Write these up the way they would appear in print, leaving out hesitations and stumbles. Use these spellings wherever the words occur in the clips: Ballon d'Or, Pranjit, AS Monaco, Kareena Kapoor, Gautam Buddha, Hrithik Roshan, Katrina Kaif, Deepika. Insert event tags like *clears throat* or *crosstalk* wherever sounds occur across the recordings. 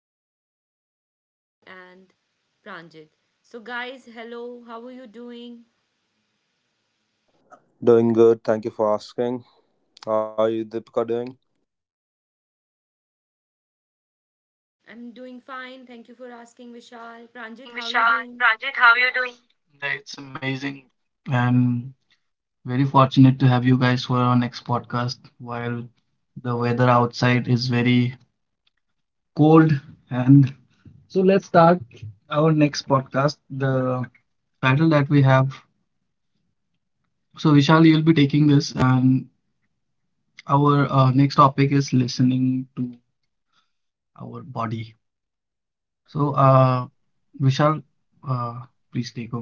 have with me Vishal and Pranjit. So, guys, hello, how are you doing? Doing good. Thank you for asking. How are you, Deepika, doing? I'm doing fine. Thank you for asking, Vishal. For Pranjit, asking, how are Vishal. you doing? Pranjit, how are you doing? Yeah, it's amazing and very fortunate to have you guys for our next podcast while the weather outside is very cold. And so let's start our next podcast. The title that we have. So Vishal, you'll be taking this, and our next topic is listening to our body. So Vishal, uh, please take over.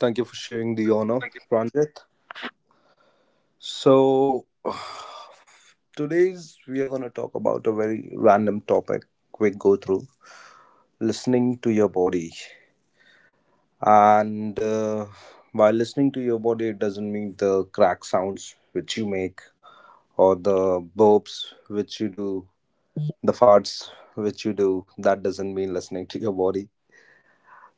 Thank you for sharing the honor, Pranjit. So, *sighs* today's we are going to talk about a very random topic we go through listening to your body. And By listening to your body, it doesn't mean the crack sounds which you make or the burps which you do, the farts which you do. That doesn't mean listening to your body.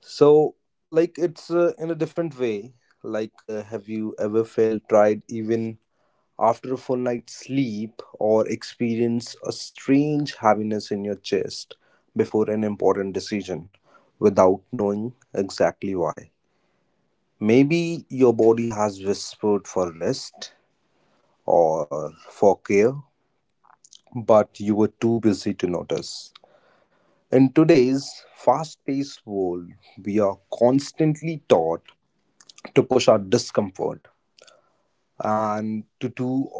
So, like, it's in a different way. Have you ever felt tired even after a full night's sleep or experience a strange heaviness in your chest before an important decision without knowing exactly why? Maybe your body has whispered for rest or for care, but you were too busy to notice. In today's fast paced world, we are constantly taught to push our discomfort and to do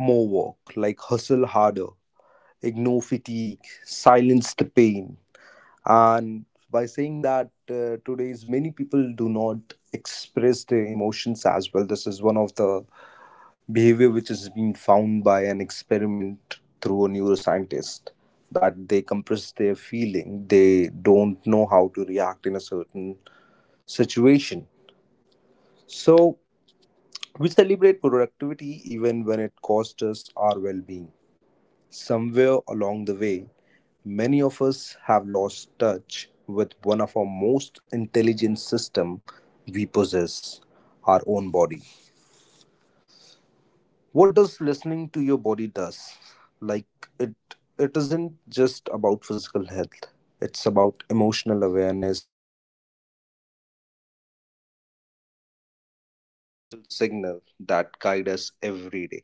more work, like hustle harder, ignore fatigue, silence the pain. And by saying that, today's many people do not express their emotions as well. This is one of the behavior which has been found by an experiment through a neuroscientist that they compress their feeling, they don't know how to react in a certain situation. So we celebrate productivity even when it costs us our well being. Somewhere along the way, many of us have lost touch with one of our most intelligent system we possess, our own body. What does listening to your body does, like it isn't just about physical health, it's about emotional awareness, signal that guide us every day.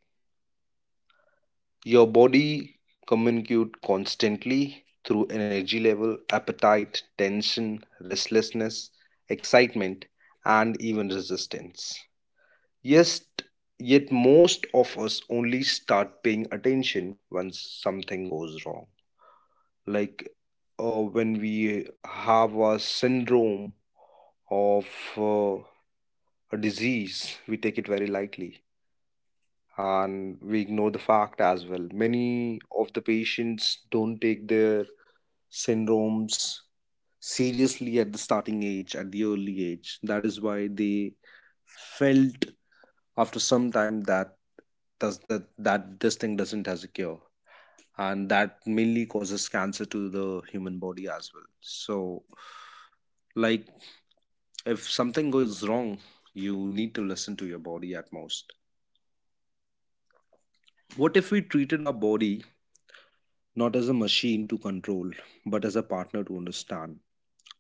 Your body communicates constantly through energy level, appetite, tension, restlessness, excitement, and even resistance. Yes, yet most of us only start paying attention when something goes wrong. Like, when we have a syndrome of uh, a disease, we take it very lightly, and we ignore the fact as well. Many of the patients don't take their syndromes seriously at the starting age, at the early age. That is why they felt after some time that does that that this thing doesn't has a cure, and that mainly causes cancer to the human body as well. So, like, if something goes wrong, you need to listen to your body at most. What if we treated our body not as a machine to control, but as a partner to understand.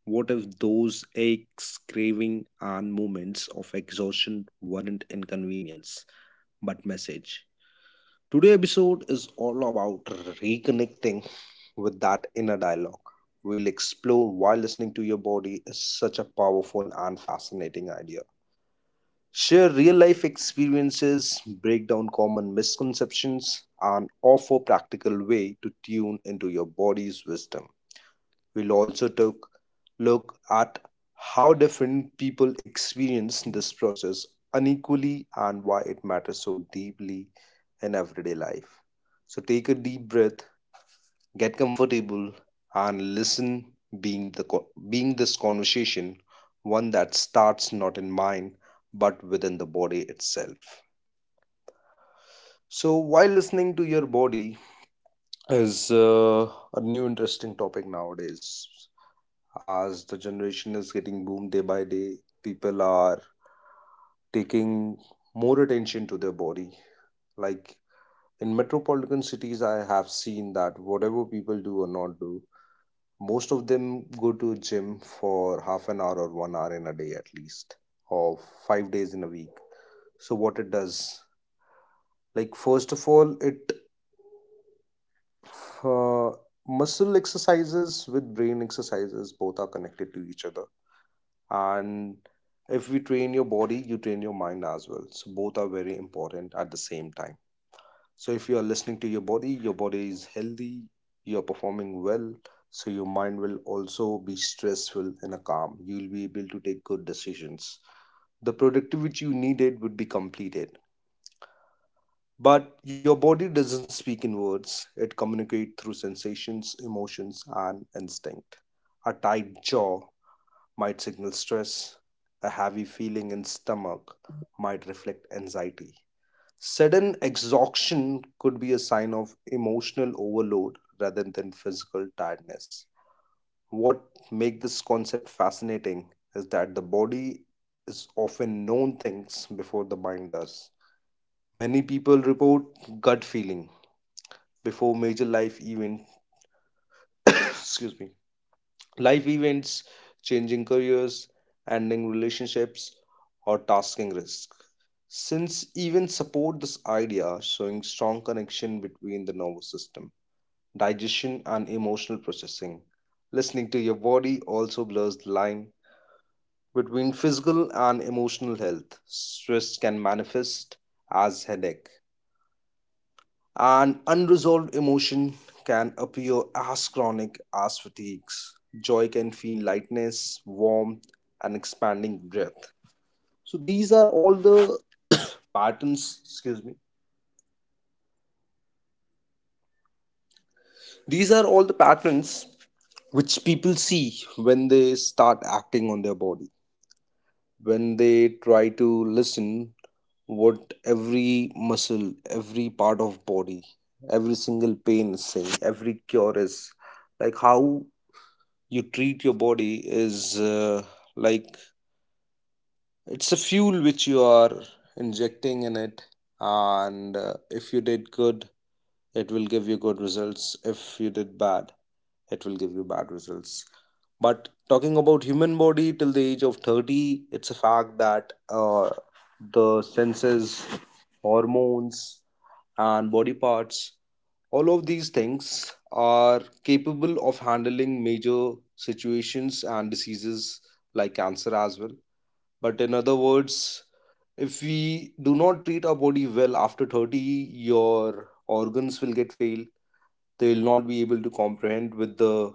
What if those aches, craving, and moments of exhaustion weren't inconvenience, but message? Today's episode is all about reconnecting with that inner dialogue. We'll explore why listening to your body is such a powerful and fascinating idea. Share real life experiences, break down common misconceptions, and offer practical way to tune into your body's wisdom. We'll also took look at how different people experience this process unequally and why it matters so deeply in everyday life. So take a deep breath, get comfortable, and listen. Being the Being this conversation, one that starts not in mind but within the body itself. So while listening to your body is a new interesting topic nowadays. As the generation is getting boomed day by day, people are taking more attention to their body. Like in metropolitan cities, I have seen that whatever people do or not do, most of them go to a gym for half an hour or 1 hour in a day at least, or 5 days in a week. So what it does, like first of all it, uh, muscle exercises with brain exercises, both are connected to each other. And if we train your body you train your mind as well, so both are very important at the same time. So if you are listening to your body, your body is healthy, you are performing well, so your mind will also be stressful and a calm, you will be able to take good decisions. The productivity you needed would be completed, but your body doesn't speak in words, it communicates through sensations, emotions, and instinct. A tight jaw might signal stress. A heavy feeling in stomach might reflect anxiety. Sudden exhaustion could be a sign of emotional overload rather than physical tiredness. What makes this concept fascinating is that the body is often known things before the mind does. Many people report gut feeling before major life events. Excuse me. Life events, changing careers, ending relationships, or tasking risk. Since even support this idea, showing strong connection between the nervous system, digestion, and emotional processing. Listening to your body also blurs the line between physical and emotional health. Stress can manifest as headache, an unresolved emotion can appear as chronic as fatigues. Joy can feel lightness, warmth, and expanding breath. So these are all the *coughs* patterns, excuse me. These are all the patterns which people see when they start acting on their body. When they try to listen what every muscle, every part of body, every single pain is saying, every cure is, like how you treat your body is, like it's a fuel which you are injecting in it. And if you did good it will give you good results, if you did bad it will give you bad results. But talking about human body till the age of 30, it's a fact that, the senses, hormones, and body parts, all of these things are capable of handling major situations and diseases like cancer as well. But in other words, if we do not treat our body well after 30, your organs will get failed. They will not be able to comprehend with the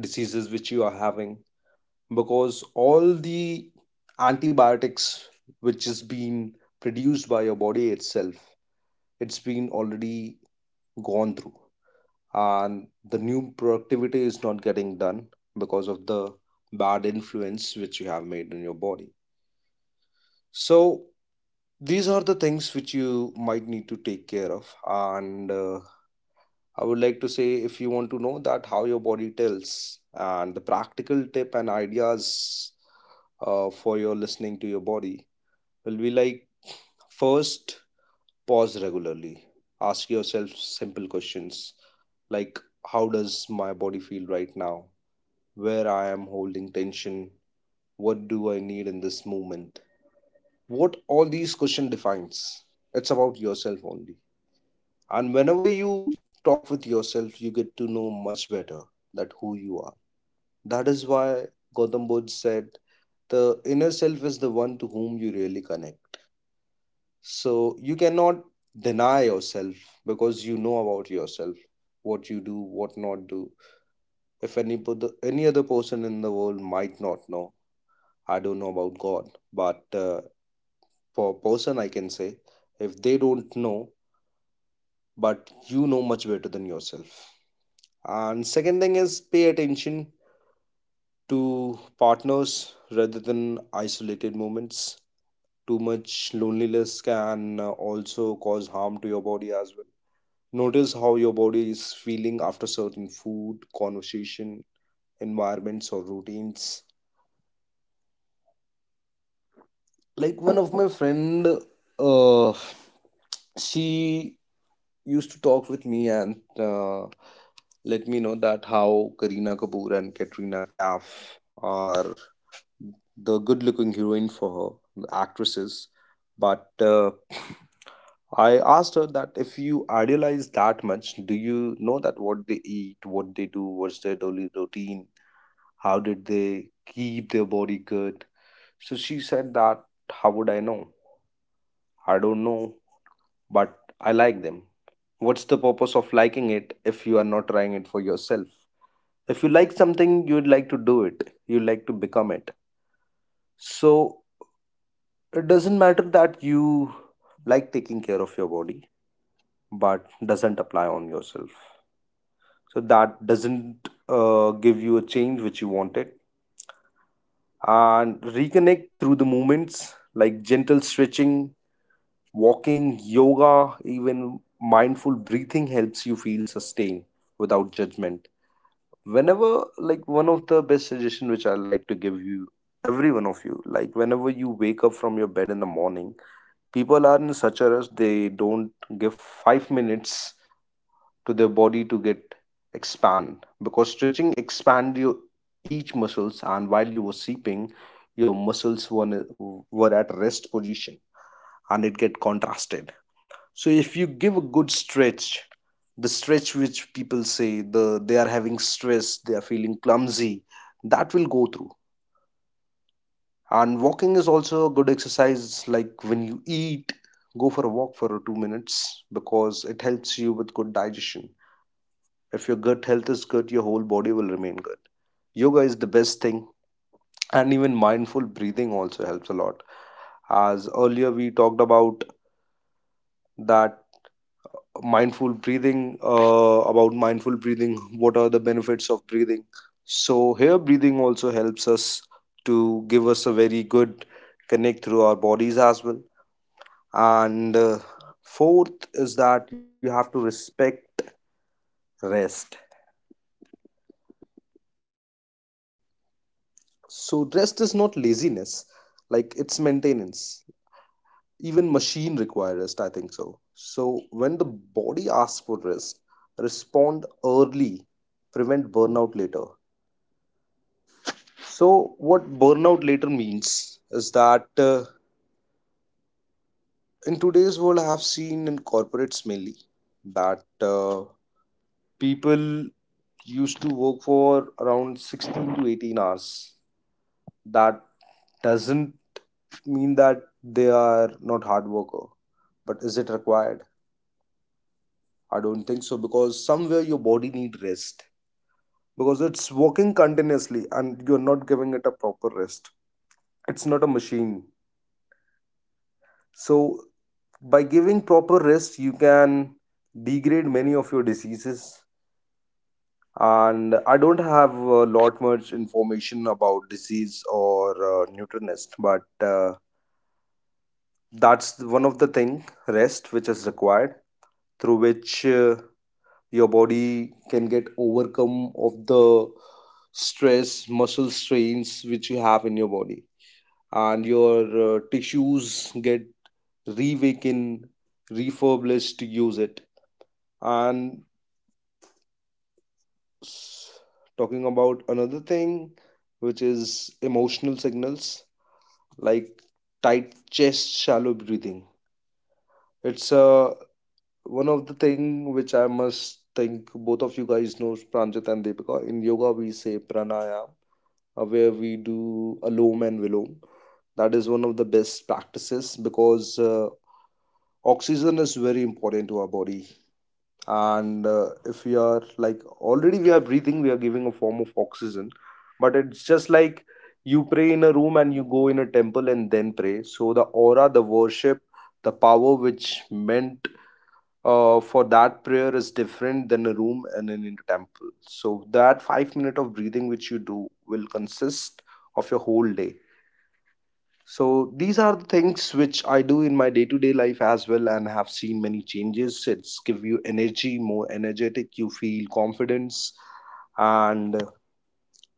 diseases which you are having because all the antibiotics which is being produced by your body itself, it's been already gone through and the new productivity is not getting done because of the bad influence which you have made in your body. So these are the things which you might need to take care of. And I would like to say, if you want to know that how your body tells and the practical tip and ideas for your listening to your body, will be like, first, pause regularly, ask yourself simple questions like, how does my body feel right now, where I am holding tension, what do I need in this moment? What all these question defines. It's about yourself only. And whenever you talk with yourself, you get to know much better that who you are. That is why Gautam Buddha said the inner self is the one to whom you really connect. So you cannot deny yourself because you know about yourself, what you do, what not do. If any, any other person in the world might not know, I don't know about god, but for a person I can say if they don't know, but you know much better than yourself. And second thing is pay attention to partners rather than isolated moments. Too much loneliness can also cause harm to your body as well. Notice how your body is feeling after certain food, conversation, environments, or routines. Like one of my friend, uh she used to talk with me and let me know that how Kareena Kapoor and Katrina Kaif are the good-looking heroine for her, the actresses. But *laughs* I asked her that if you idealize that much, do you know that what they eat, what they do, what's their daily routine, how did they keep their body good? So she said that, how would I know? I don't know, but I like them. What's the purpose of liking it if you are not trying it for yourself? If you like something, you'd like to do it, you like to become it. So it doesn't matter that you like taking care of your body, but doesn't apply on yourself. So that doesn't give you a change which you wanted. And reconnect through the movements like gentle stretching, walking, yoga, even mindful breathing helps you feel sustained without judgment. Whenever, like, one of the best suggestion which I like to give you every one of you, like whenever you wake up from your bed in the morning, people are in such a rush they don't give 5 minutes to their body to get expand because stretching expand your each muscles, and while you were sleeping your muscles were at rest position and it get contrasted. So if you give a good stretch, the stretch which people say they are having stress, they are feeling clumsy, that will go through. And walking is also a good exercise. Like when you eat, go for a walk for 2 minutes because it helps you with good digestion. If your gut health is good, your whole body will remain good. Yoga is the best thing, and even mindful breathing also helps a lot. As earlier we talked about that mindful breathing, about mindful breathing, what are the benefits of breathing? So here breathing also helps us to give us a very good connect through our bodies as well. And Fourth is that you have to respect rest. So rest is not laziness, like it's maintenance. Even machine require rest, I think so. So when the body asks for rest, respond early, prevent burnout later. So what burnout later means is that in today's world, I have seen in corporates mainly that people used to work for around 16 to 18 hours. That doesn't mean that they are not hard worker, but is it required? I don't think so, because somewhere your body need rest, because it's working continuously and you're not giving it a proper rest. It's not a machine. So by giving proper rest you can degrade many of your diseases. And I don't have a lot much information about disease or nutritionist, but that's one of the thing, rest, which is required, through which your body can get overcome of the stress, muscle strains which you have in your body, and your tissues get reawakened, refurbished to use it. and s- Talking about another thing, which is emotional signals, like tight chest, shallow breathing. It's one of the thing which I must think both of you guys know, Pranjit and Deepika, in yoga we say pranayam, where we do alom and vilom. That is one of the best practices because oxygen is very important to our body. And If we are like, already we are breathing, we are giving a form of oxygen, but it's just like you pray in a room, and you go in a temple and then pray, so the aura, the worship, the power which meant for that prayer is different than a room and in a temple. So that 5 minute of breathing which you do will consist of your whole day. So these are the things which I do in my day to day life as well, and have seen many changes. It's give you energy, more energetic, you feel confidence. And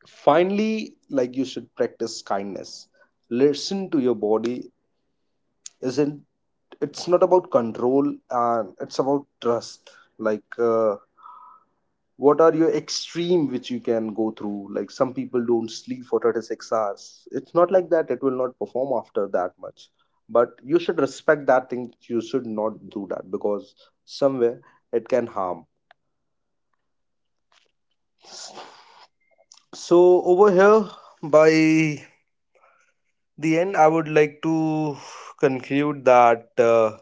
Finally, like, you should practice kindness. Listen to your body. Isn't, it's not about control, and it's about trust. like uh, what are your extreme which you can go through? Like, some people don't sleep for 36 hours. It's not like that, it will not perform after that much, but you should respect that thing, you should not do that, because somewhere it can harm. So over here, by the end, I would like to conclude that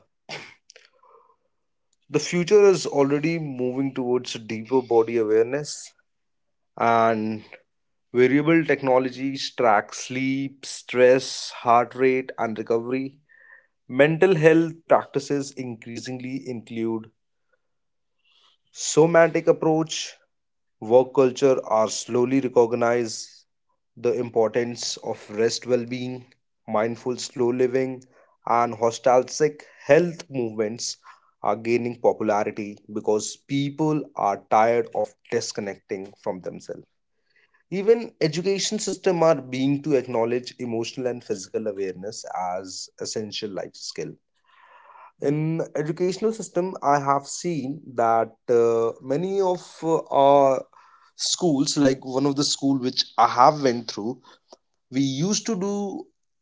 the future is already moving towards deeper body awareness, and wearable technologies track sleep, stress, heart rate, and recovery. Mental health practices increasingly include somatic approach. Work culture are slowly recognize the importance of rest, well-being, mindful slow living, and holistic health movements are gaining popularity because people are tired of disconnecting from themselves. Even education system are being to acknowledge emotional and physical awareness as essential life skill. In educational system I have seen that many of our schools, like one of the school which I have went through, we used to do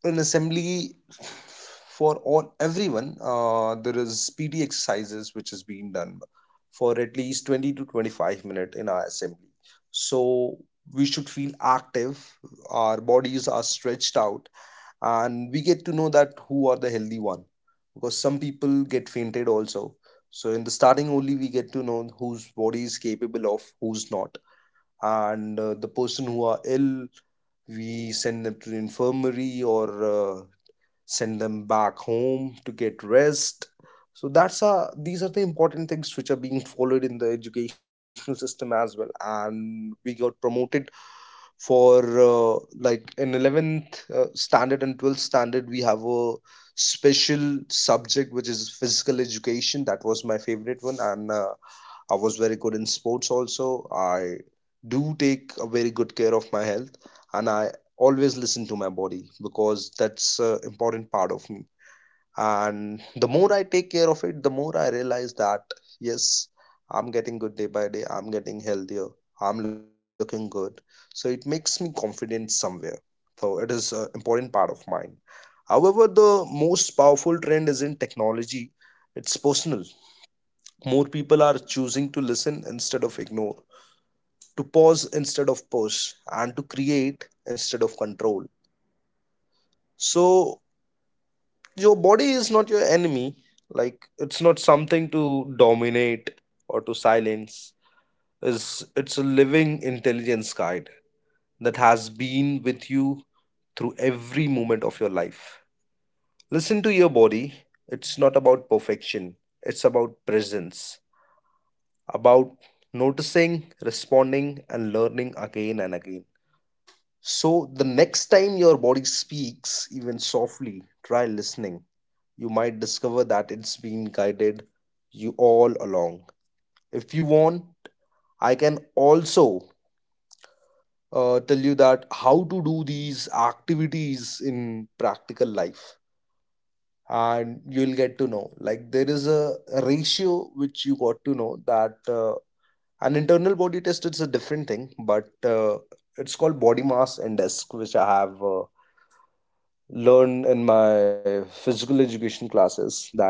an assembly for all everyone. There is PT exercises which is being done for at least 20 to 25 minutes in our assembly. So we should feel active, our bodies are stretched out, and we get to know that who are the healthy one, because some people get fainted also. So in the starting only we get to know whose body is capable of who's not. And The person who are ill, we send them to the infirmary or send them back home to get rest. So that's these are the important things which are being followed in the educational system as well, and we got promoted for like in 11th standard we have a special subject which is physical education. That was my favorite one, and I was very good in sports also. I do take a very good care of my health, and I always listen to my body, because that's an important part of me. And the more I take care of it, the more I realize that, yes, I'm getting good day by day, I'm getting healthier, I'm looking good, so it makes me confident somewhere. So it is an important part of mine. However, the most powerful trend isn't technology, it's personal. More people are choosing to listen instead of ignore, to pause instead of push, and to create instead of control. So your body is not your enemy, like it's not something to dominate or to silence. Is, it's a living intelligence guide that has been with you through every moment of your life. Listen to your body. It's not about perfection, it's about presence, about noticing, responding and learning again and again. So the next time your body speaks, even softly, try listening. You might discover that it's been guided you all along. If you want, I can also tell you that how to do these activities in practical life, and you'll get to know, like, there is a ratio which you got to know that an internal body test is a different thing, but it's called body mass index, which I have learned in my physical education classes, that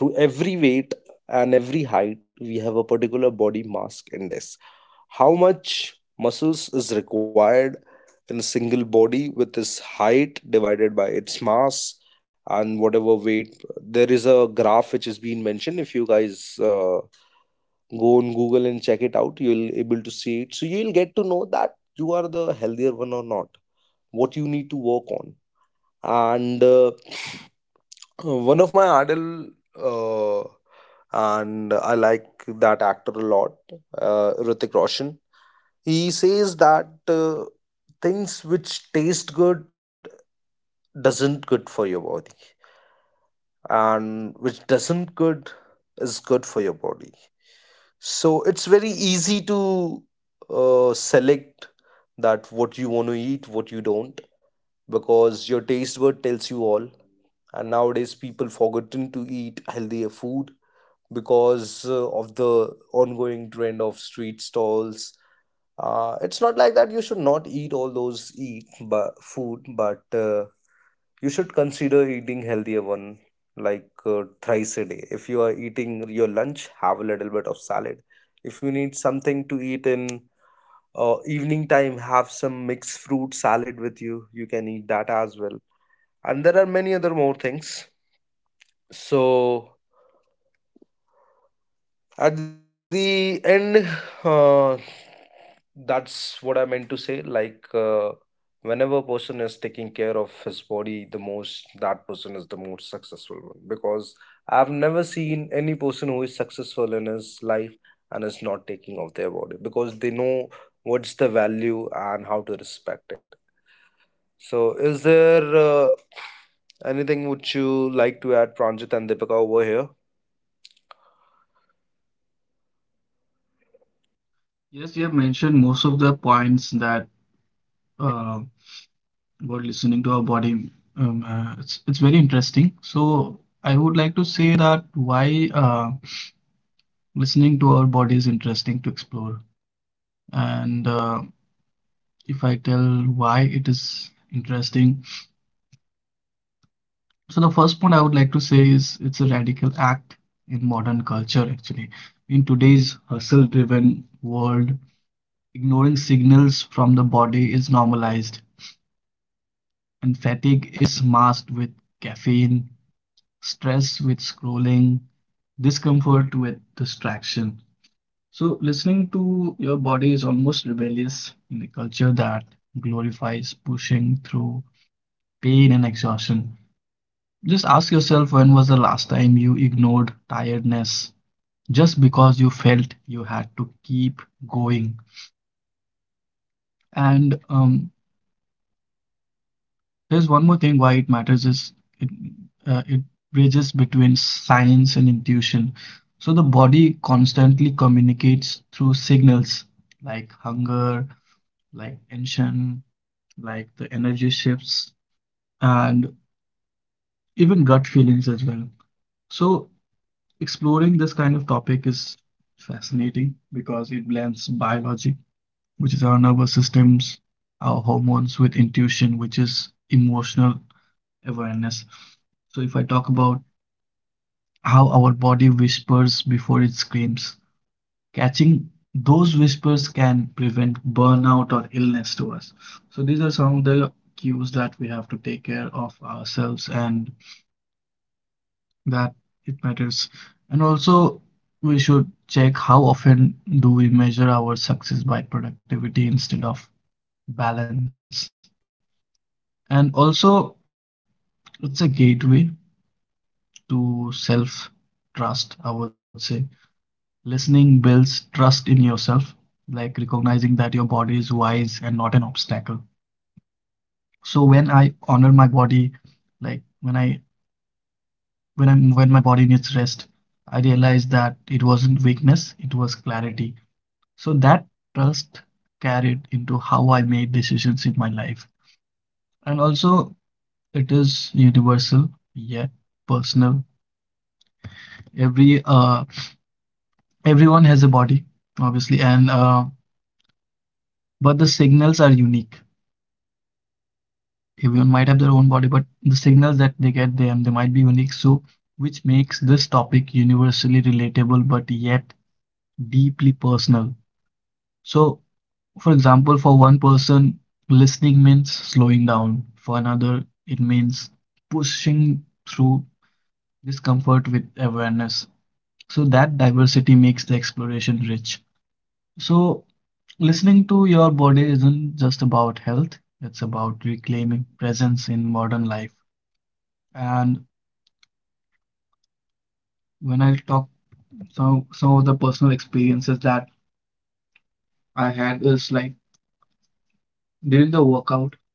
through every weight and every height we have a particular body mass index, how much muscles is required in a single body with its height divided by its mass, and whatever weight there is a graph which has been mentioned. If you guys go on Google and check it out, you'll able to see it, so you'll get to know that you are the healthier one or not, what you need to work on. And One of my idol, uh, and I like that actor a lot, Ritik Roshan, he says that things which taste good doesn't good for your body, and which doesn't good is good for your body. So it's very easy to select that what you want to eat, what you don't, because your taste bud tells you all. And nowadays people forgotten to eat healthier food, because of the ongoing trend of street stalls. It's not like that you should not eat all those eat but food, but you should consider eating healthier one, thrice a day. If you are eating your lunch, have a little bit of salad. If you need something to eat in evening time, have some mixed fruit salad with you. You can eat that as well. And there are many other more things. So at the end, uh, that's what I meant to say, whenever a person is taking care of his body the most, that person is the most successful one, because I've never seen any person who is successful in his life and is not taking of their body, because they know what's the value and how to respect it. So is there anything would you like to add, Pranjit and Deepika, over here? Yes, you have mentioned most of the points that uh, about listening to our body. It's very interesting. So I would like to say that why listening to our body is interesting to explore. And if I tell why it is interesting, so the first point I would like to say is it's a radical act in modern culture. Actually, in today's hustle-driven world, ignoring signals from the body is normalized, and fatigue is masked with caffeine, stress with scrolling, discomfort with distraction. So listening to your body is almost rebellious in a culture that glorifies pushing through pain and exhaustion. Just ask yourself, when was the last time you ignored tiredness just because you felt you had to keep going? And There's one more thing why it matters is it it bridges between science and intuition. So the body constantly communicates through signals like hunger, like tension, like the energy shifts, and even gut feelings as well. So exploring this kind of topic is fascinating because it blends biology, which is our nervous systems, our hormones, with intuition, which is emotional awareness. So if I talk about how our body whispers before it screams, catching those whispers can prevent burnout or illness to us. So these are some of the cues that we have to take care of ourselves, and that it matters. And also, we should check how often do we measure our success by productivity instead of balance. And also, it's a gateway to self trust, I would say. Listening builds trust in yourself, like recognizing that your body is wise and not an obstacle. So when I honor my body, like when my body needs rest, I realized that it wasn't weakness, it was clarity. So that trust carried into how I made decisions in my life. And also, it is universal, yet personal. Every uh everyone has a body, obviously, and but the signals are unique. Everyone might have their own body, but the signals that they get them, they might be unique. So, which makes this topic universally relatable, but yet deeply personal. So, for example, for one person, listening means slowing down. For another, it means pushing through discomfort with awareness. So that diversity makes the exploration rich. So listening to your body isn't just about health, it's about reclaiming presence in modern life. And when I talk, some of the personal experiences that I had is like during the workout,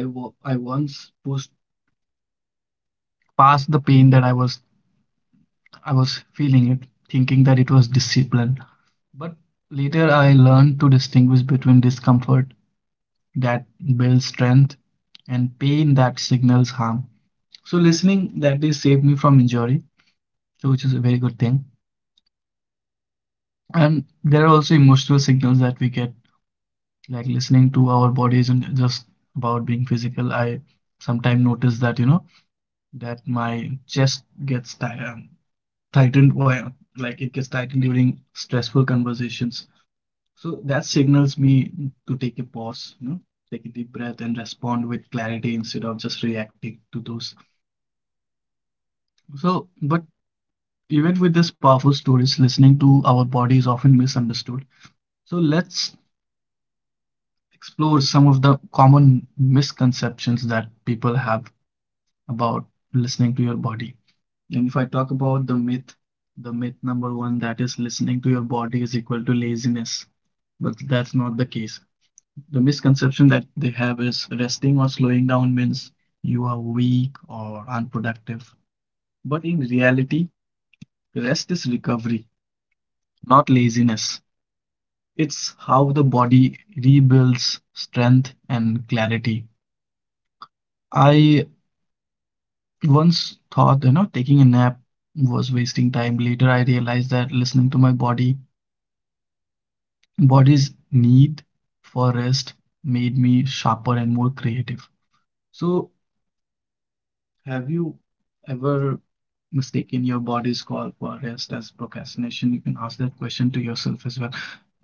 I once pushed past the pain that I was feeling it, thinking that it was discipline. But later I learned to distinguish between discomfort that builds strength and pain that signals harm. So listening that day saved me from injury, so which is a very good thing. And there are also emotional signals that we get, like listening to our body isn't just about being physical. I sometimes notice that, you know, that my chest tightened, while, like it gets tightened during stressful conversations. So that signals me to take a pause, you know, take a deep breath and respond with clarity instead of just reacting to those. So, but even with this powerful stories, listening to our body is often misunderstood. So let's explore some of the common misconceptions that people have about listening to your body. And if I talk about the myth number one, that is listening to your body is equal to laziness. But that's not the case. The misconception that they have is resting or slowing down means you are weak or unproductive. But in reality, rest is recovery, not laziness. It's how the body rebuilds strength and clarity. I once thought, you know, taking a nap was wasting time. Later, I realized that listening to my body, body's need for rest made me sharper and more creative. So, have you ever mistaken your body's call for rest as procrastination? You can ask that question to yourself as well.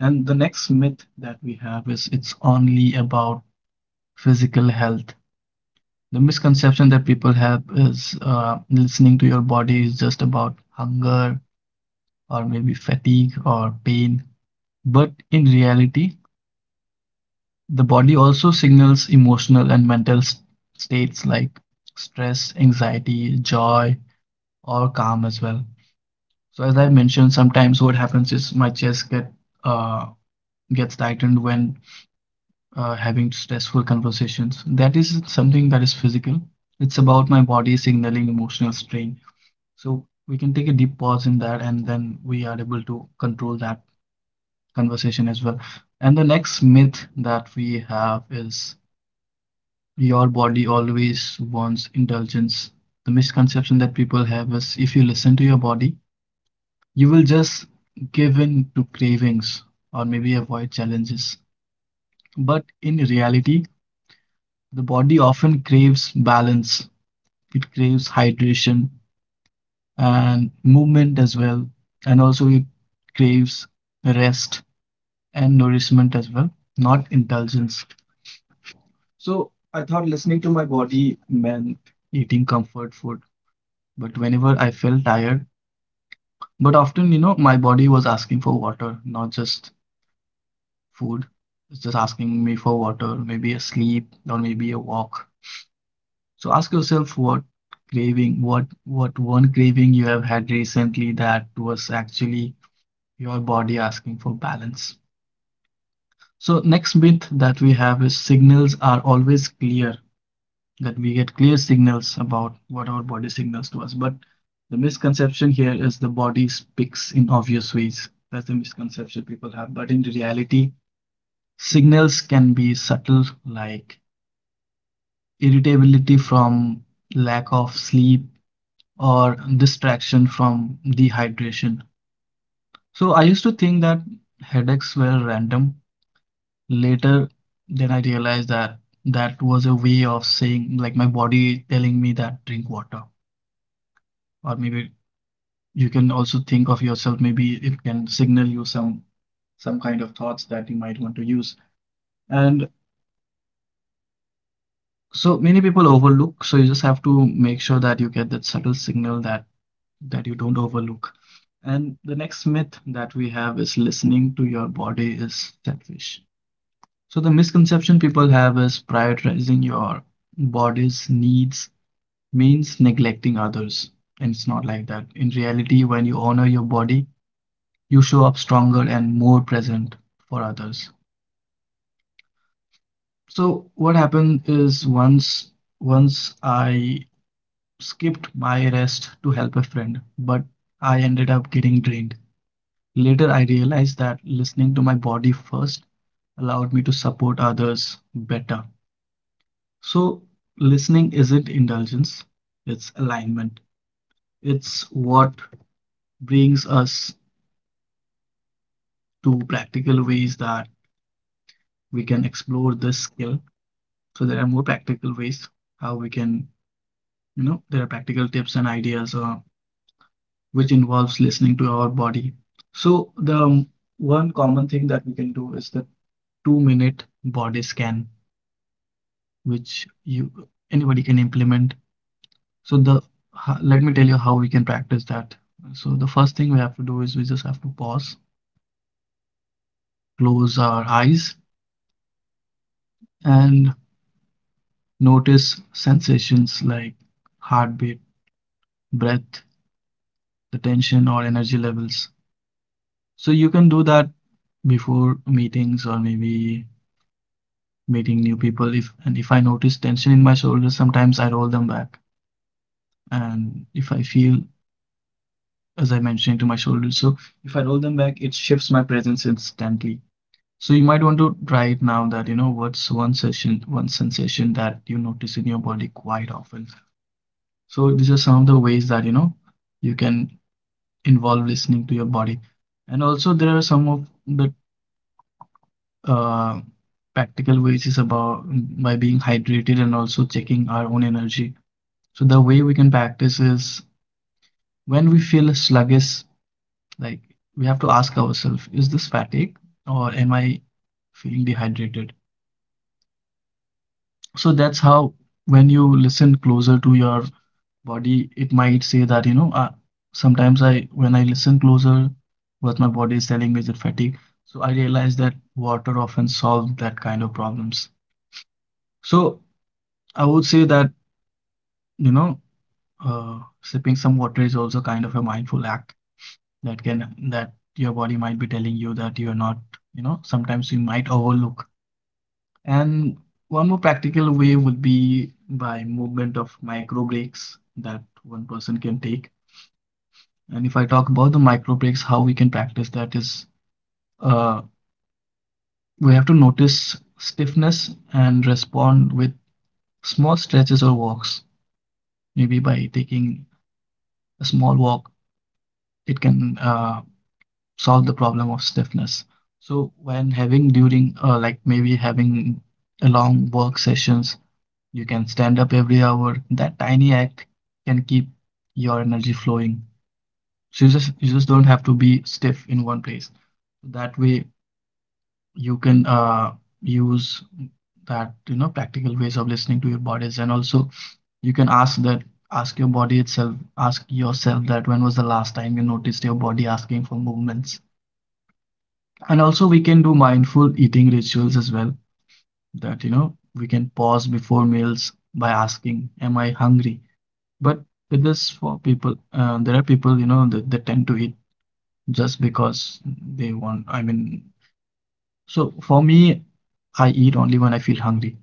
And the next myth that we have is it's only about physical health. The misconception that people have is listening to your body is just about hunger, or maybe fatigue or pain. But in reality, the body also signals emotional and mental states like stress, anxiety, joy, or calm as well. So as I mentioned, sometimes what happens is my chest uh, gets tightened when having stressful conversations. That is something that is physical. It's about my body signaling emotional strain. So we can take a deep pause in that, and then we are able to control that conversation as well. And the next myth that we have is your body always wants indulgence. The misconception that people have is if you listen to your body, you will just give in to cravings or maybe avoid challenges. But in reality, the body often craves balance, it craves hydration and movement as well, and also it craves rest and nourishment as well, not indulgence. So I thought listening to my body meant eating comfort food, but whenever I felt tired, but often, you know, my body was asking for water, not just food. It's just asking me for water, maybe a sleep or maybe a walk. So ask yourself, what craving, what one craving you have had recently that was actually your body asking for balance. So next myth that we have is signals are always clear, that we get clear signals about what our body signals to us. But the misconception here is the body speaks in obvious ways. That's the misconception people have. But in reality, signals can be subtle, like irritability from lack of sleep or distraction from dehydration. So I used to think that headaches were random. Later, then I realized that that was a way of saying, like, my body telling me that drink water, or maybe you can also think of yourself, maybe it can signal you some kind of thoughts that you might want to use, and so many people overlook. So you just have to make sure that you get that subtle signal, that you don't overlook. And the next myth that we have is listening to your body is selfish. So the misconception people have is prioritizing your body's needs means neglecting others, and it's not like that. In reality, when you honor your body, you show up stronger and more present for others. So what happened is, once I skipped my rest to help a friend, but I ended up getting drained. Later I realized that listening to my body first allowed me to support others better. So listening isn't indulgence, it's alignment. It's what brings us to practical ways that we can explore this skill. So there are more practical ways how we can, you know, there are practical tips and ideas which involves listening to our body. So the one common thing that we can do is the 2 minute body scan, which you anybody can implement. So the, let me tell you how we can practice that. So the first thing we have to do is we just have to pause, close our eyes, and notice sensations like heartbeat, breath, the tension or energy levels. So you can do that before meetings or maybe meeting new people. If and if I notice tension in my shoulders, sometimes I roll them back. And if I feel, as I mentioned, to my shoulders, so if I roll them back, it shifts my presence instantly. So you might want to try it now. That you know what's one session, one sensation that you notice in your body quite often. So these are some of the ways that, you know, you can involve listening to your body. And also there are some of the uh, practical ways is about by being hydrated and also checking our own energy. So the way we can practice is when we feel sluggish, like we have to ask ourselves, is this fatigue or am I feeling dehydrated? So that's how when you listen closer to your body, it might say that, you know, sometimes I, when I listen closer, what my body is telling me is fatigue. So I realize that water often solves that kind of problems. So I would say that, you know, sipping some water is also kind of a mindful act, that can, that your body might be telling you that you're not, you know, sometimes you might overlook. And one more practical way would be by movement of micro breaks that one person can take. And if I talk about the micro breaks, how we can practice that is uh, we have to notice stiffness and respond with small stretches or walks. Maybe by taking a small walk, it can solve the problem of stiffness. So when having during like maybe having a long work sessions, you can stand up every hour. That tiny act can keep your energy flowing. So you just don't have to be stiff in one place. That way you can use that, you know, practical ways of listening to your bodies, and also you can ask your body itself, ask yourself that when was the last time you noticed your body asking for movements? And also, we can do mindful eating rituals as well. That, you know, we can pause before meals by asking, am I hungry? But with this, for people, there are people, you know, that they tend to eat just because they want. I mean, so for me, I eat only when I feel hungry.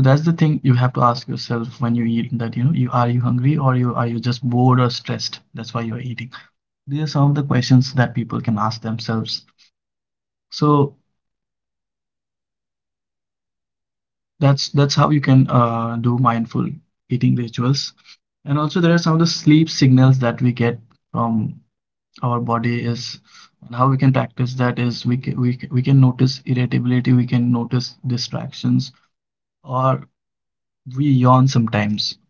So that's the thing you have to ask yourself when you eat, that, you know, you hungry, or you just bored or stressed? That's why you're eating. These are some of the questions that people can ask themselves. So that's how you can do mindful eating rituals. And also there are some of the sleep signals that we get from our body is, and how we can practice that is we can notice irritability, we can notice distractions, or we yawn sometimes.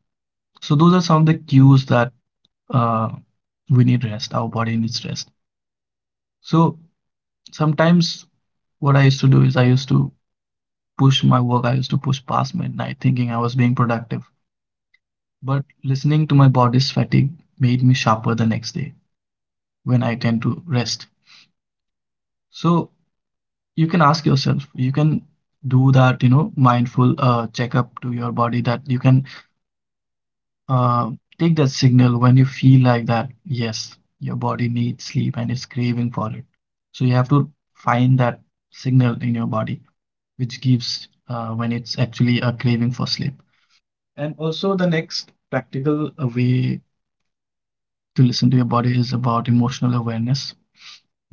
So those are some of the cues that uh, we need rest, our body needs rest. So sometimes what I used to do is I used to push past midnight thinking I was being productive. But listening to my body's fatigue made me sharper the next day when I tend to rest. So you can ask yourself, you can do that, you know, mindful checkup to your body, that you can uh, take that signal when you feel like that, yes, your body needs sleep and it's craving for it. So you have to find that signal in your body which gives when it's actually a craving for sleep. And also, the next practical way to listen to your body is about emotional awareness.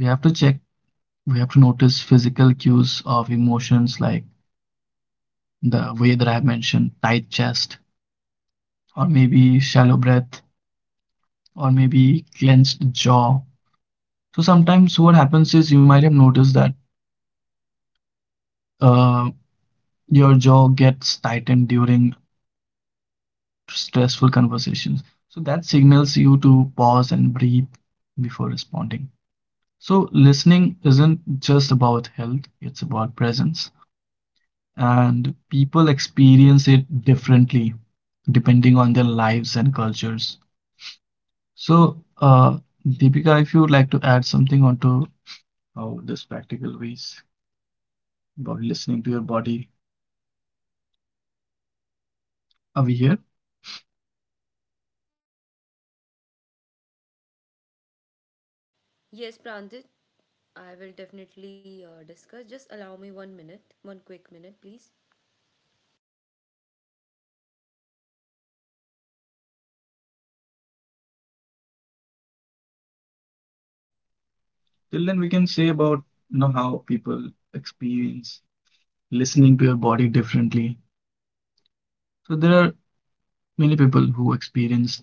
We have to check, we have to notice physical cues of emotions, like the way that I have mentioned, tight chest, or maybe shallow breath, or maybe clenched jaw. So sometimes what happens is you might have noticed that uh, your jaw gets tightened during stressful conversations. So that signals you to pause and breathe before responding. So listening isn't just about health, it's about presence. And people experience it differently depending on their lives and cultures. So, Deepika, if you would like to add something onto how this practical ways about listening to your body, are we here? Yes, Pranjit, I will definitely discuss. Just allow me one minute, one quick minute, please. Till then, we can say about, you know, how people experience listening to your body differently. So there are many people who experience.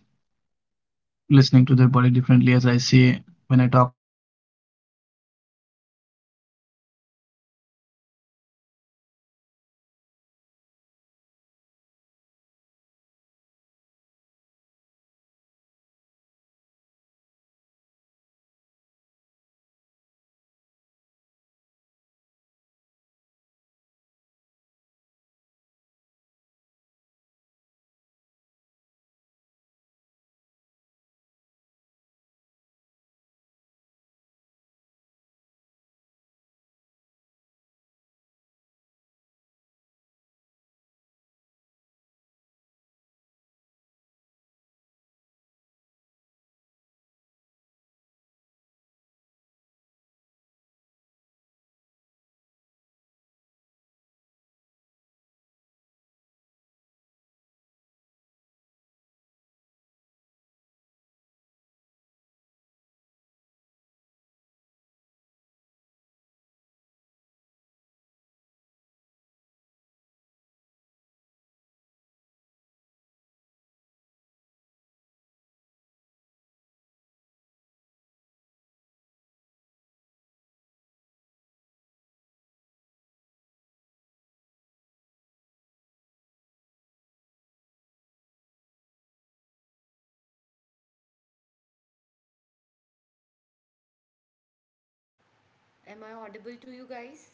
Am I audible to you guys?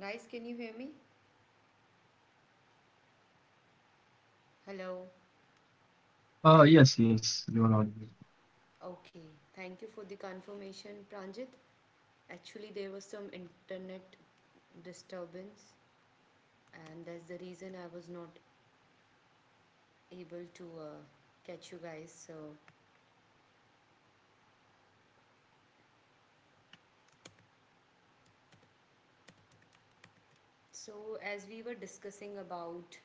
Guys, can you hear me? Hello. Uh, Yes, yes, yes, you yes, are you on. are not. Okay, thank you for the confirmation, Pranjit. Actually, there was some internet disturbance, and that's the reason I was not able to catch you guys. So, as we were discussing about,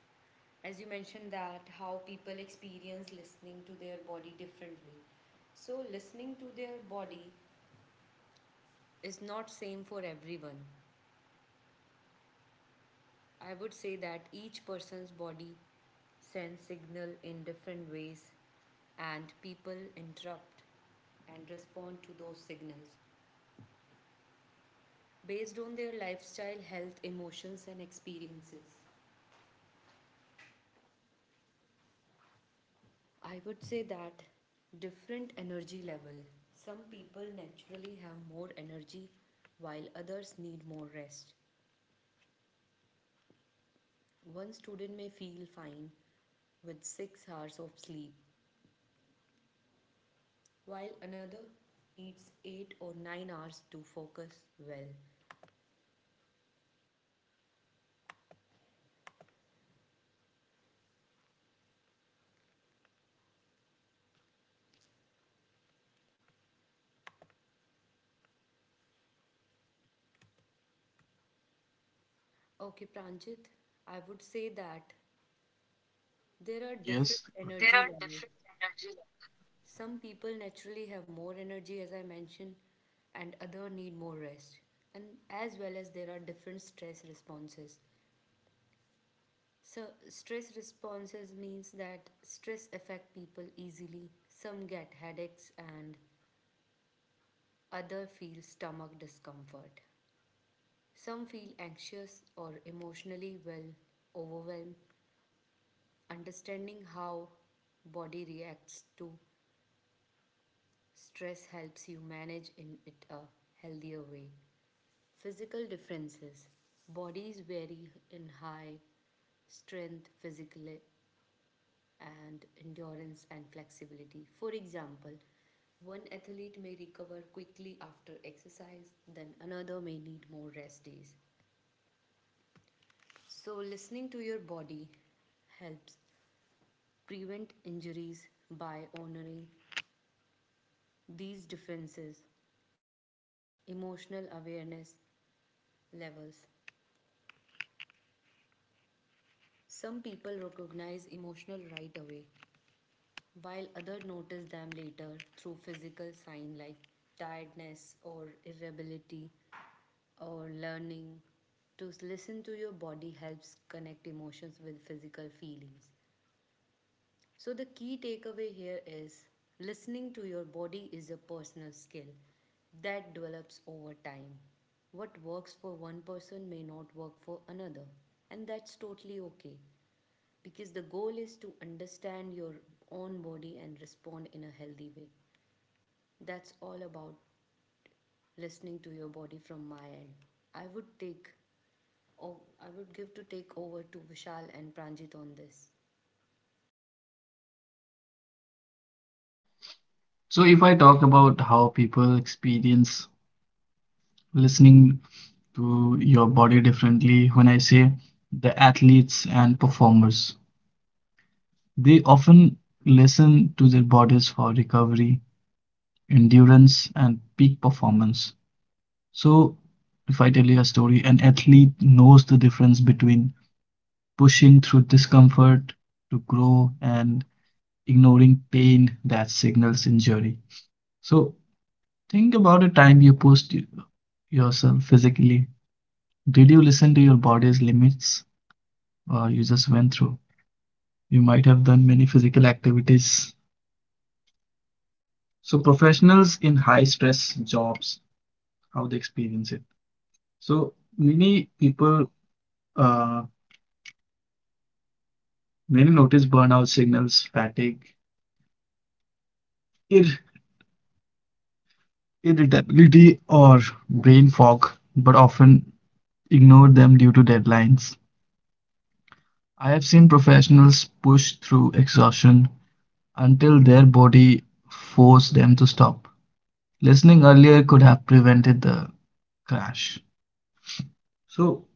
as you mentioned, that how people experience listening to their body differently. So, listening to their body is not same for everyone. I would say that each person's body sends signal in different ways, and people interrupt and respond to those signals based on their lifestyle, health, emotions and experiences. I would say that different energy level. Some people naturally have more energy while others need more rest. One student may feel fine with 6 hours of sleep while another needs 8 or 9 hours to focus well. Okay, Pranjit, I would say that there are Yes. different energy levels. Some people naturally have more energy, as I mentioned, and other need more rest. And as well as there are different stress responses. So stress responses means that stress affect people easily. Some get headaches and other feel stomach discomfort. Some feel anxious or emotionally well overwhelmed. Understanding how body reacts to stress helps you manage in it a healthier way. Physical differences. Bodies vary in high strength physically and endurance and flexibility. For example, one athlete may recover quickly after exercise, then another may need more rest days. So, listening to your body helps prevent injuries by honoring these differences. Emotional awareness levels. Some people recognize emotional right away, while others notice them later through physical signs like tiredness or irritability or learning. To listen to your body helps connect emotions with physical feelings. So, the key takeaway here is listening to your body is a personal skill that develops over time. What works for one person may not work for another, and that's totally okay because the goal is to understand your own body and respond in a healthy way. That's all about listening to your body from my end. I would take oh, I would give to take over to Vishal and Pranjit on this. So if I talk about how people experience listening to your body differently, when I say the athletes and performers, they often listen to their bodies for recovery, endurance, and peak performance. So if I tell you a story, an athlete knows the difference between pushing through discomfort to grow and ignoring pain that signals injury. So think about a time you pushed yourself physically. Did you listen to your body's limits, or you just went through? You might have done many physical activities. So professionals in high stress jobs, how they experience it. So many people, uh, many notice burnout signals, fatigue, ir- irritability, or brain fog, but often ignore them due to deadlines. I have seen professionals push through exhaustion until their body forced them to stop. Listening earlier could have prevented the crash. So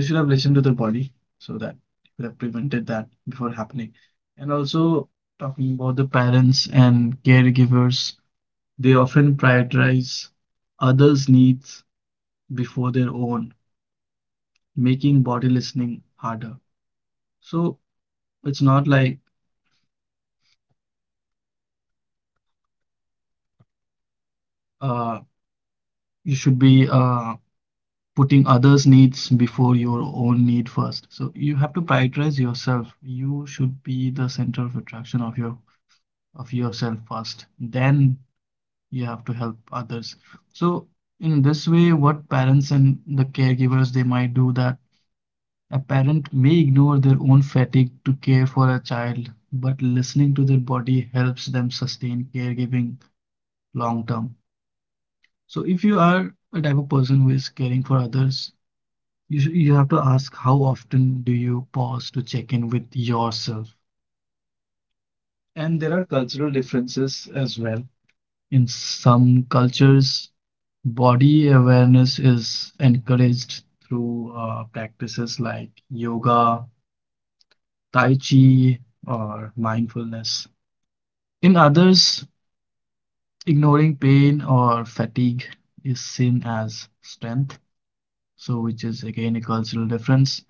they should have listened to their body so that they could have prevented that before happening. And also, talking about the parents and caregivers, they often prioritize others' needs before their own, making body listening harder. So it's not like, uh, you should be putting others' needs before your own need first. So you have to prioritize yourself. You should be the center of attraction of your of yourself first. Then you have to help others. So in this way, what parents and the caregivers they might do that, a parent may ignore their own fatigue to care for a child, but listening to their body helps them sustain caregiving long term. So if you are a type of person who is caring for others, you have to ask, how often do you pause to check in with yourself? And there are cultural differences as well. In some cultures, body awareness is encouraged through practices like yoga, tai chi, or mindfulness. In others, ignoring pain or fatigue is seen as strength, so which is again a cultural difference.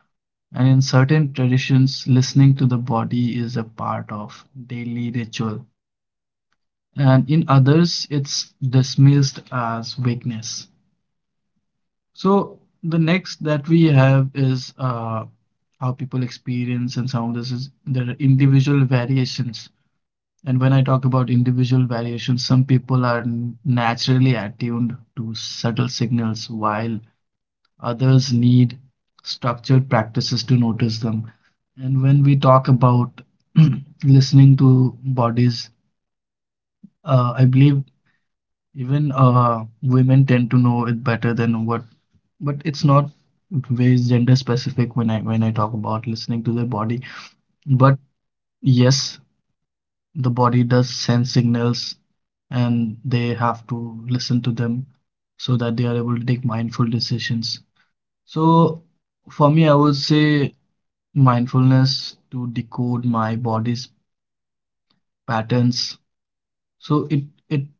And in certain traditions, listening to the body is a part of daily ritual, and in others, it's dismissed as weakness. So, the next that we have is, how people experience, and some of this is there are individual variations. And when I talk about individual variations, some people are naturally attuned to subtle signals, while others need structured practices to notice them. And when we talk about *clears throat* listening to bodies, I believe even women tend to know it better than what, but it's not very gender specific when I talk about listening to their body. But yes, the body does send signals and they have to listen to them so that they are able to take mindful decisions. So for me, I would say mindfulness to decode my body's patterns, so it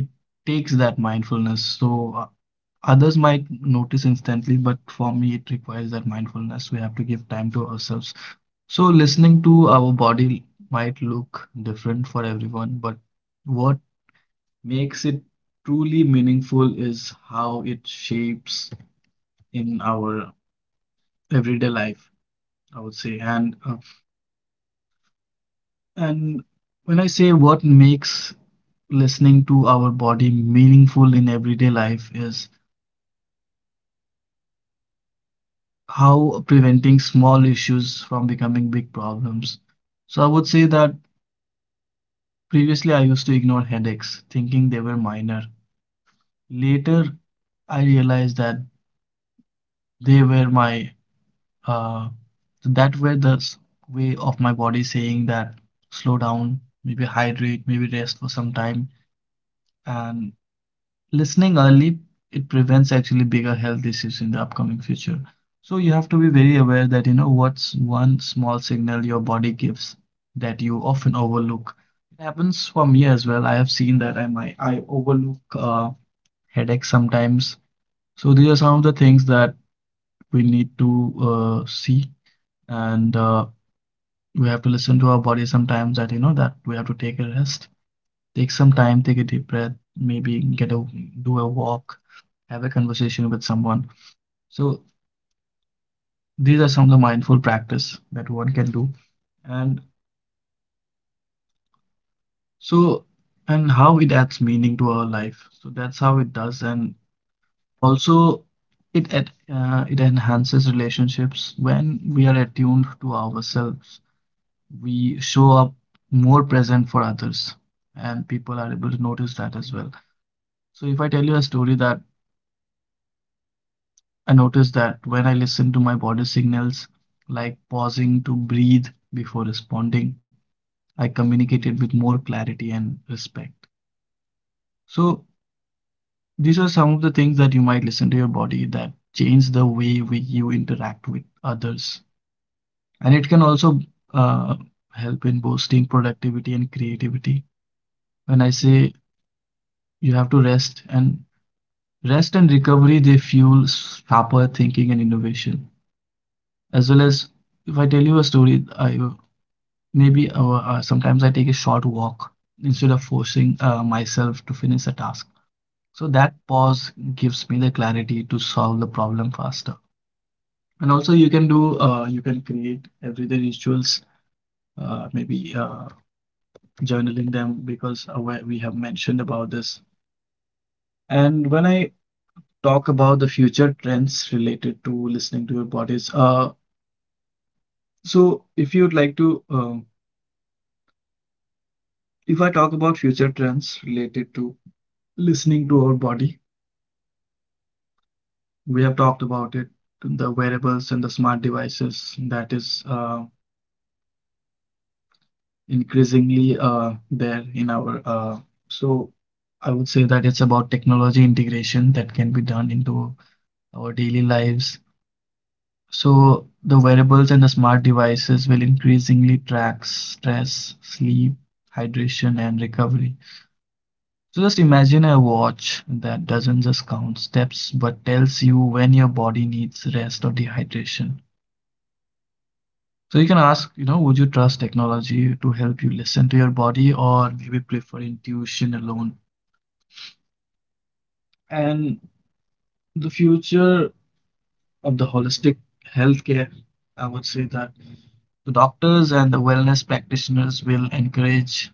it takes that mindfulness. So others might notice instantly, but for me it requires that mindfulness. We have to give time to ourselves. So listening to our body might look different for everyone, but what makes it truly meaningful is how it shapes in our everyday life, I would say. And when I say what makes listening to our body meaningful in everyday life is how preventing small issues from becoming big problems. So I would say that previously I used to ignore headaches, thinking they were minor. Later, I realized that they were my, uh, that were the s- way of my body saying that slow down, maybe hydrate, maybe rest for some time. And listening early, it prevents actually bigger health issues in the upcoming future. So you have to be very aware that, you know, what's one small signal your body gives that you often overlook. It happens for me as well. I have seen that I overlook headaches sometimes. So these are some of the things that we need to see, and we have to listen to our body sometimes, that, you know, that we have to take a rest. Take some time, take a deep breath, maybe get a do a walk, have a conversation with someone. So these are some of the mindful practice that one can do. And so, and how it adds meaning to our life. So that's how it does. And also, it enhances relationships when we are attuned to ourselves. We show up more present for others, and people are able to notice that as well. So if I tell you a story, that I noticed that when I listen to my body signals, like pausing to breathe before responding, I communicated with more clarity and respect. So these are some of the things that you might listen to your body that change the way you interact with others. And it can also uh, help in boosting productivity and creativity. When I say you have to rest, and recovery, they fuel sharper thinking and innovation. As well as if I tell you a story, I, maybe sometimes I take a short walk instead of forcing myself to finish a task. So that pause gives me the clarity to solve the problem faster. And also, you can do, you can create everyday rituals, maybe journaling them, because we have mentioned about this. And when I talk about the future trends related to listening to your bodies, so if you'd like to, if I talk about future trends related to listening to our body, we have talked about it, the wearables and the smart devices that is increasingly there in our. So I would say that it's about technology integration that can be done into our daily lives. So the wearables and the smart devices will increasingly track stress, sleep, hydration, and recovery. So just imagine a watch that doesn't just count steps but tells you when your body needs rest or dehydration. So you can ask, you know, would you trust technology to help you listen to your body or maybe prefer intuition alone? And the future of the holistic healthcare, I would say that the doctors and the wellness practitioners will encourage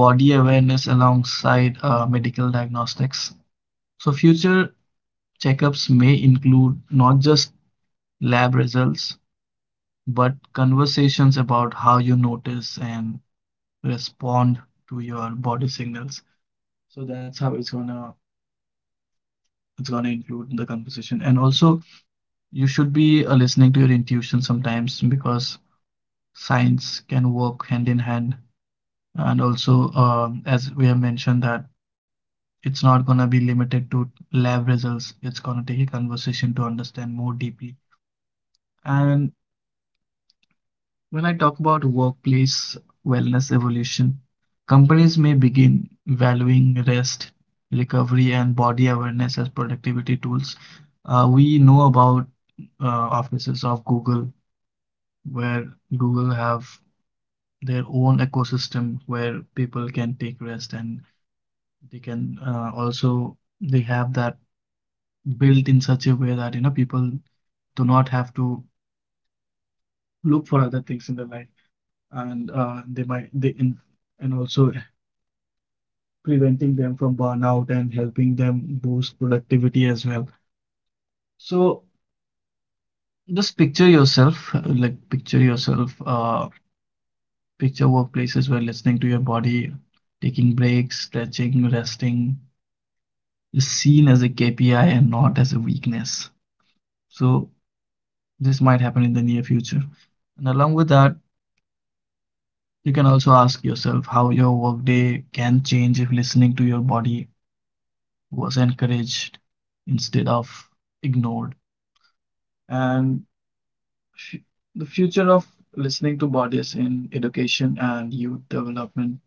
body awareness alongside medical diagnostics. So future checkups may include not just lab results, but conversations about how you notice and respond to your body signals. So that's how it's gonna include in the composition. And also, you should be listening to your intuition sometimes because science can work hand in hand. And also, as we have mentioned, that it's not gonna be limited to lab results. It's gonna take a conversation to understand more deeply. And when I talk about workplace wellness evolution, companies may begin valuing rest, recovery, and body awareness as productivity tools. We know about offices of Google, where Google have their own ecosystem where people can take rest and they can also they have that built in such a way that you know people do not have to look for other things in their life and they might they in, and also preventing them from burnout and helping them boost productivity as well. So just picture yourself, like picture yourself, picture workplaces where listening to your body, taking breaks, stretching, resting is seen as a KPI and not as a weakness. So this might happen in the near future. And along with that, you can also ask yourself how your workday can change if listening to your body was encouraged instead of ignored. And Fu- The future of listening to bodies in education and youth development.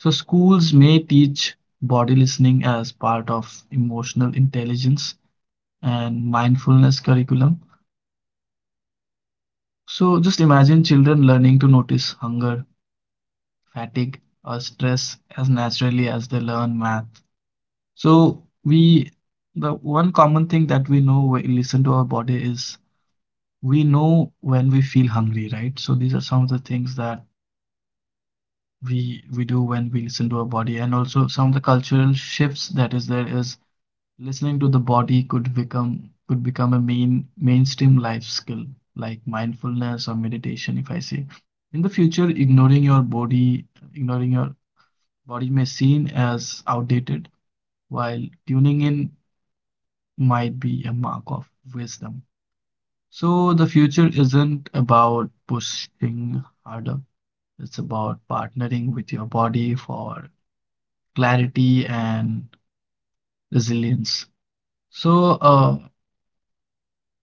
So schools may teach body listening as part of emotional intelligence and mindfulness curriculum. So just imagine children learning to notice hunger, fatigue, or stress as naturally as they learn math. So, we the one common thing that we know when we listen to our body is we know when we feel hungry, right? So these are some of the things that we do when we listen to our body. And also, some of the cultural shifts that is there is listening to the body could become a mainstream life skill like mindfulness or meditation. If I say in the future, ignoring your body may seen as outdated, while tuning in might be a mark of wisdom. So the future isn't about pushing harder, it's about partnering with your body for clarity and resilience. So,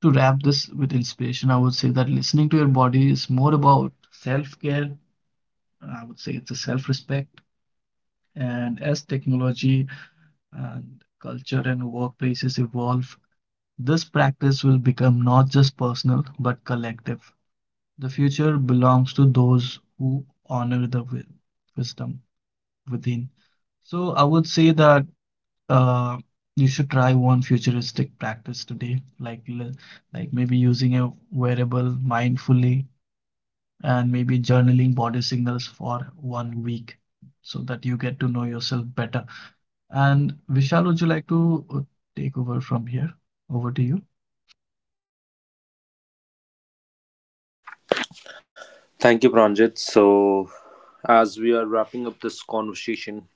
to wrap this with inspiration, I would say that listening to your body is more about self care. I would say it's a self respect. And as technology and culture and workplaces evolve, this practice will become not just personal but collective. The future belongs to those who honor the wisdom within. So I would say that Uh, you should try one futuristic practice today, like maybe using a wearable mindfully and maybe journaling body signals for one week so that you get to know yourself better. And Vishal, would you like to take over from here? Over to you. Thank you, Pranjit. So, as we are wrapping up this conversation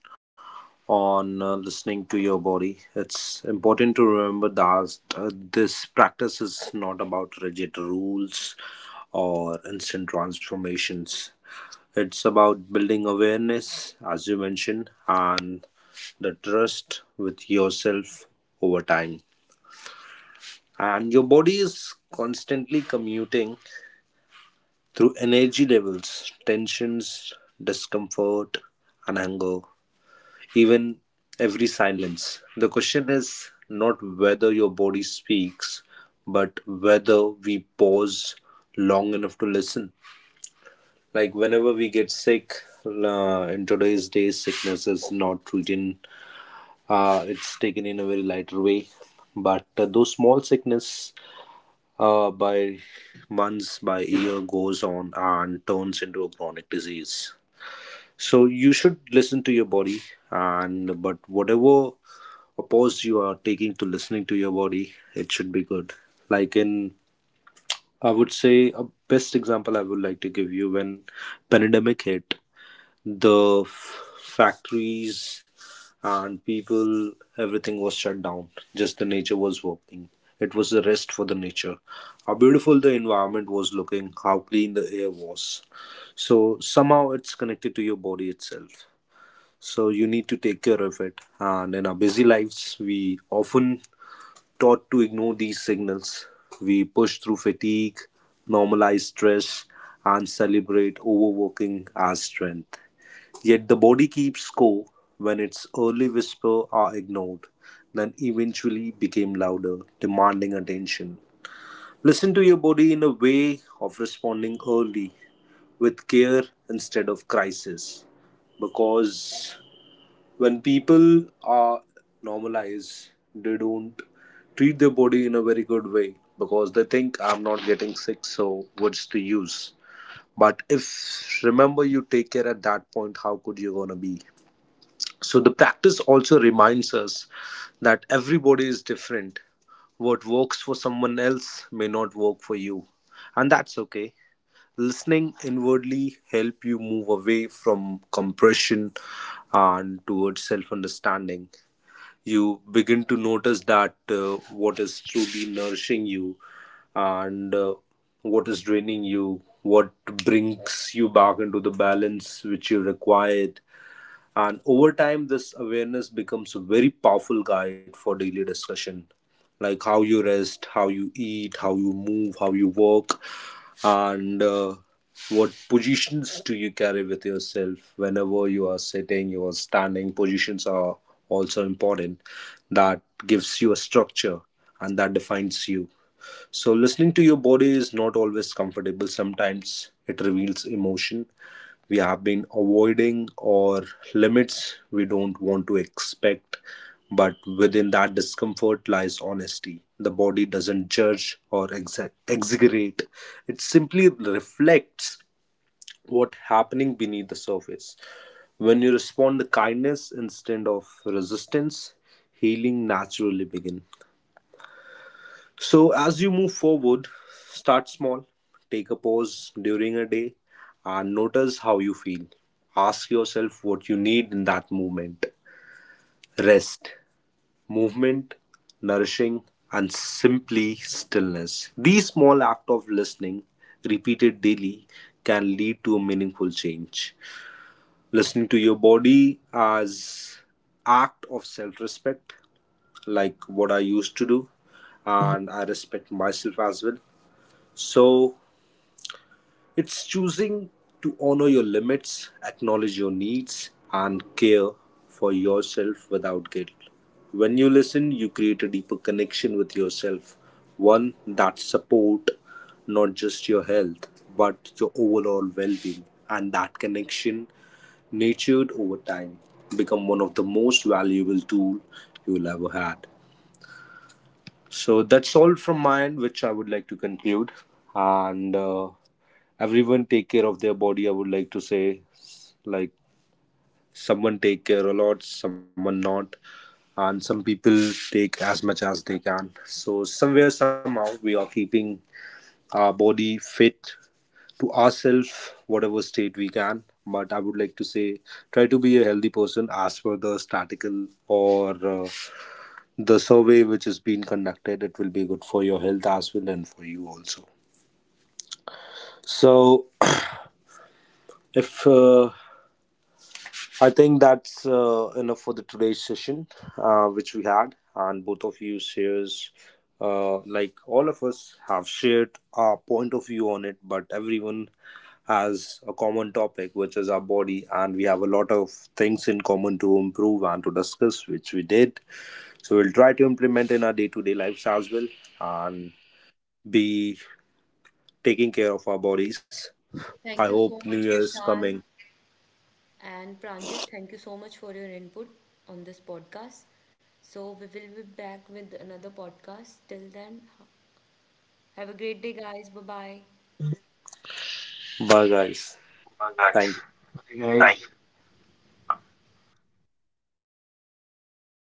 on listening to your body, it's important to remember that this practice is not about rigid rules or instant transformations. It's about building awareness, as you mentioned, and the trust with yourself over time. And your body is constantly commuting through energy levels, tensions, discomfort, and hunger, even every silence. The question is not whether your body speaks, but whether we pause long enough to listen. Like whenever we get sick, in today's days, sickness is not treated, it's taken in a very lighter way. But those small sickness by months, by year goes on and turns into a chronic disease. So you should listen to your body, and but whatever pause you are taking to listening to your body, it should be good. Like in, I would say a best example I would like to give you, when pandemic hit, the factories and people, everything was shut down. Just the nature was working. It was a rest for the nature. How beautiful the environment was looking, how clean the air was. So somehow it's connected to your body itself, so you need to take care of it. And in our busy lives we often taught to ignore these signals, we push through fatigue, normalize stress, and celebrate overworking as strength. Yet the body keeps score. When its early whisper are ignored, then eventually became louder, demanding attention. Listen to your body in a way of responding early with care instead of crisis. Because when people are normalized, they don't treat their body in a very good way, because they think I'm not getting sick, so what's the use. But if, remember, you take care at that point, how could you gonna be. So the practice also reminds us that everybody is different. What works for someone else may not work for you, and that's okay. Listening inwardly help you move away from compression and towards self understanding. You begin to notice that what is truly nourishing you, and what is draining you, what brings you back into the balance which you require. And over time this awareness becomes a very powerful guide for daily discussion, like how you rest, how you eat, how you move, how you work, and what positions do you carry with yourself. Whenever you are sitting, you are standing, positions are also important. That gives you a structure, and that defines you. So, listening to your body is not always comfortable. Sometimes it reveals emotion we have been avoiding, or limits we don't want to expect. But within that discomfort lies honesty. The body doesn't judge or exaggerate, it simply reflects what's happening beneath the surface. When you respond to kindness instead of resistance, healing naturally begins. So, as you move forward, start small. Take a pause during a day and notice how you feel. Ask yourself what you need in that moment: rest, movement, nourishing, and simply stillness. These small acts of listening, repeated daily, can lead to a meaningful change. Listening to your body as act of self-respect, like what I used to do, and I respect myself as well. So it's choosing to honor your limits, acknowledge your needs, and care for yourself without guilt. When you listen, you create a deeper connection with yourself, one that support not just your health but your overall well-being. And that connection, nurtured over time, become one of the most valuable tool you'll ever had. So that's all from my end, which I would like to conclude. And Everyone take care of their body. I would like to say, like, someone take care a lot, someone not, and some people take as much as they can. So somewhere somehow we are keeping our body fit to ourselves, whatever state we can. But I would like to say, try to be a healthy person. As per the statical or uh, the survey which is being conducted, it will be good for your health as well and for you also. So if I think that's enough for the today's session which we had, and both of you shares, like, all of us have shared our point of view on it, but everyone has a common topic which is our body, and we have a lot of things in common to improve and to discuss, which we did. So we'll try to implement in Implement our in our day day-to-day to day lives as well, lifestyles will and be taking care of our bodies. I thank you I hope so New hope much, you guys Year's coming. Vishal are making. And Pranjit, thank you so much for your input on this podcast. So, we will be back with another podcast. Till then, have a great day, guys. Bye bye. Bye, Bye, guys. guys. Oh my God. Thank Bye. you. Hey, You.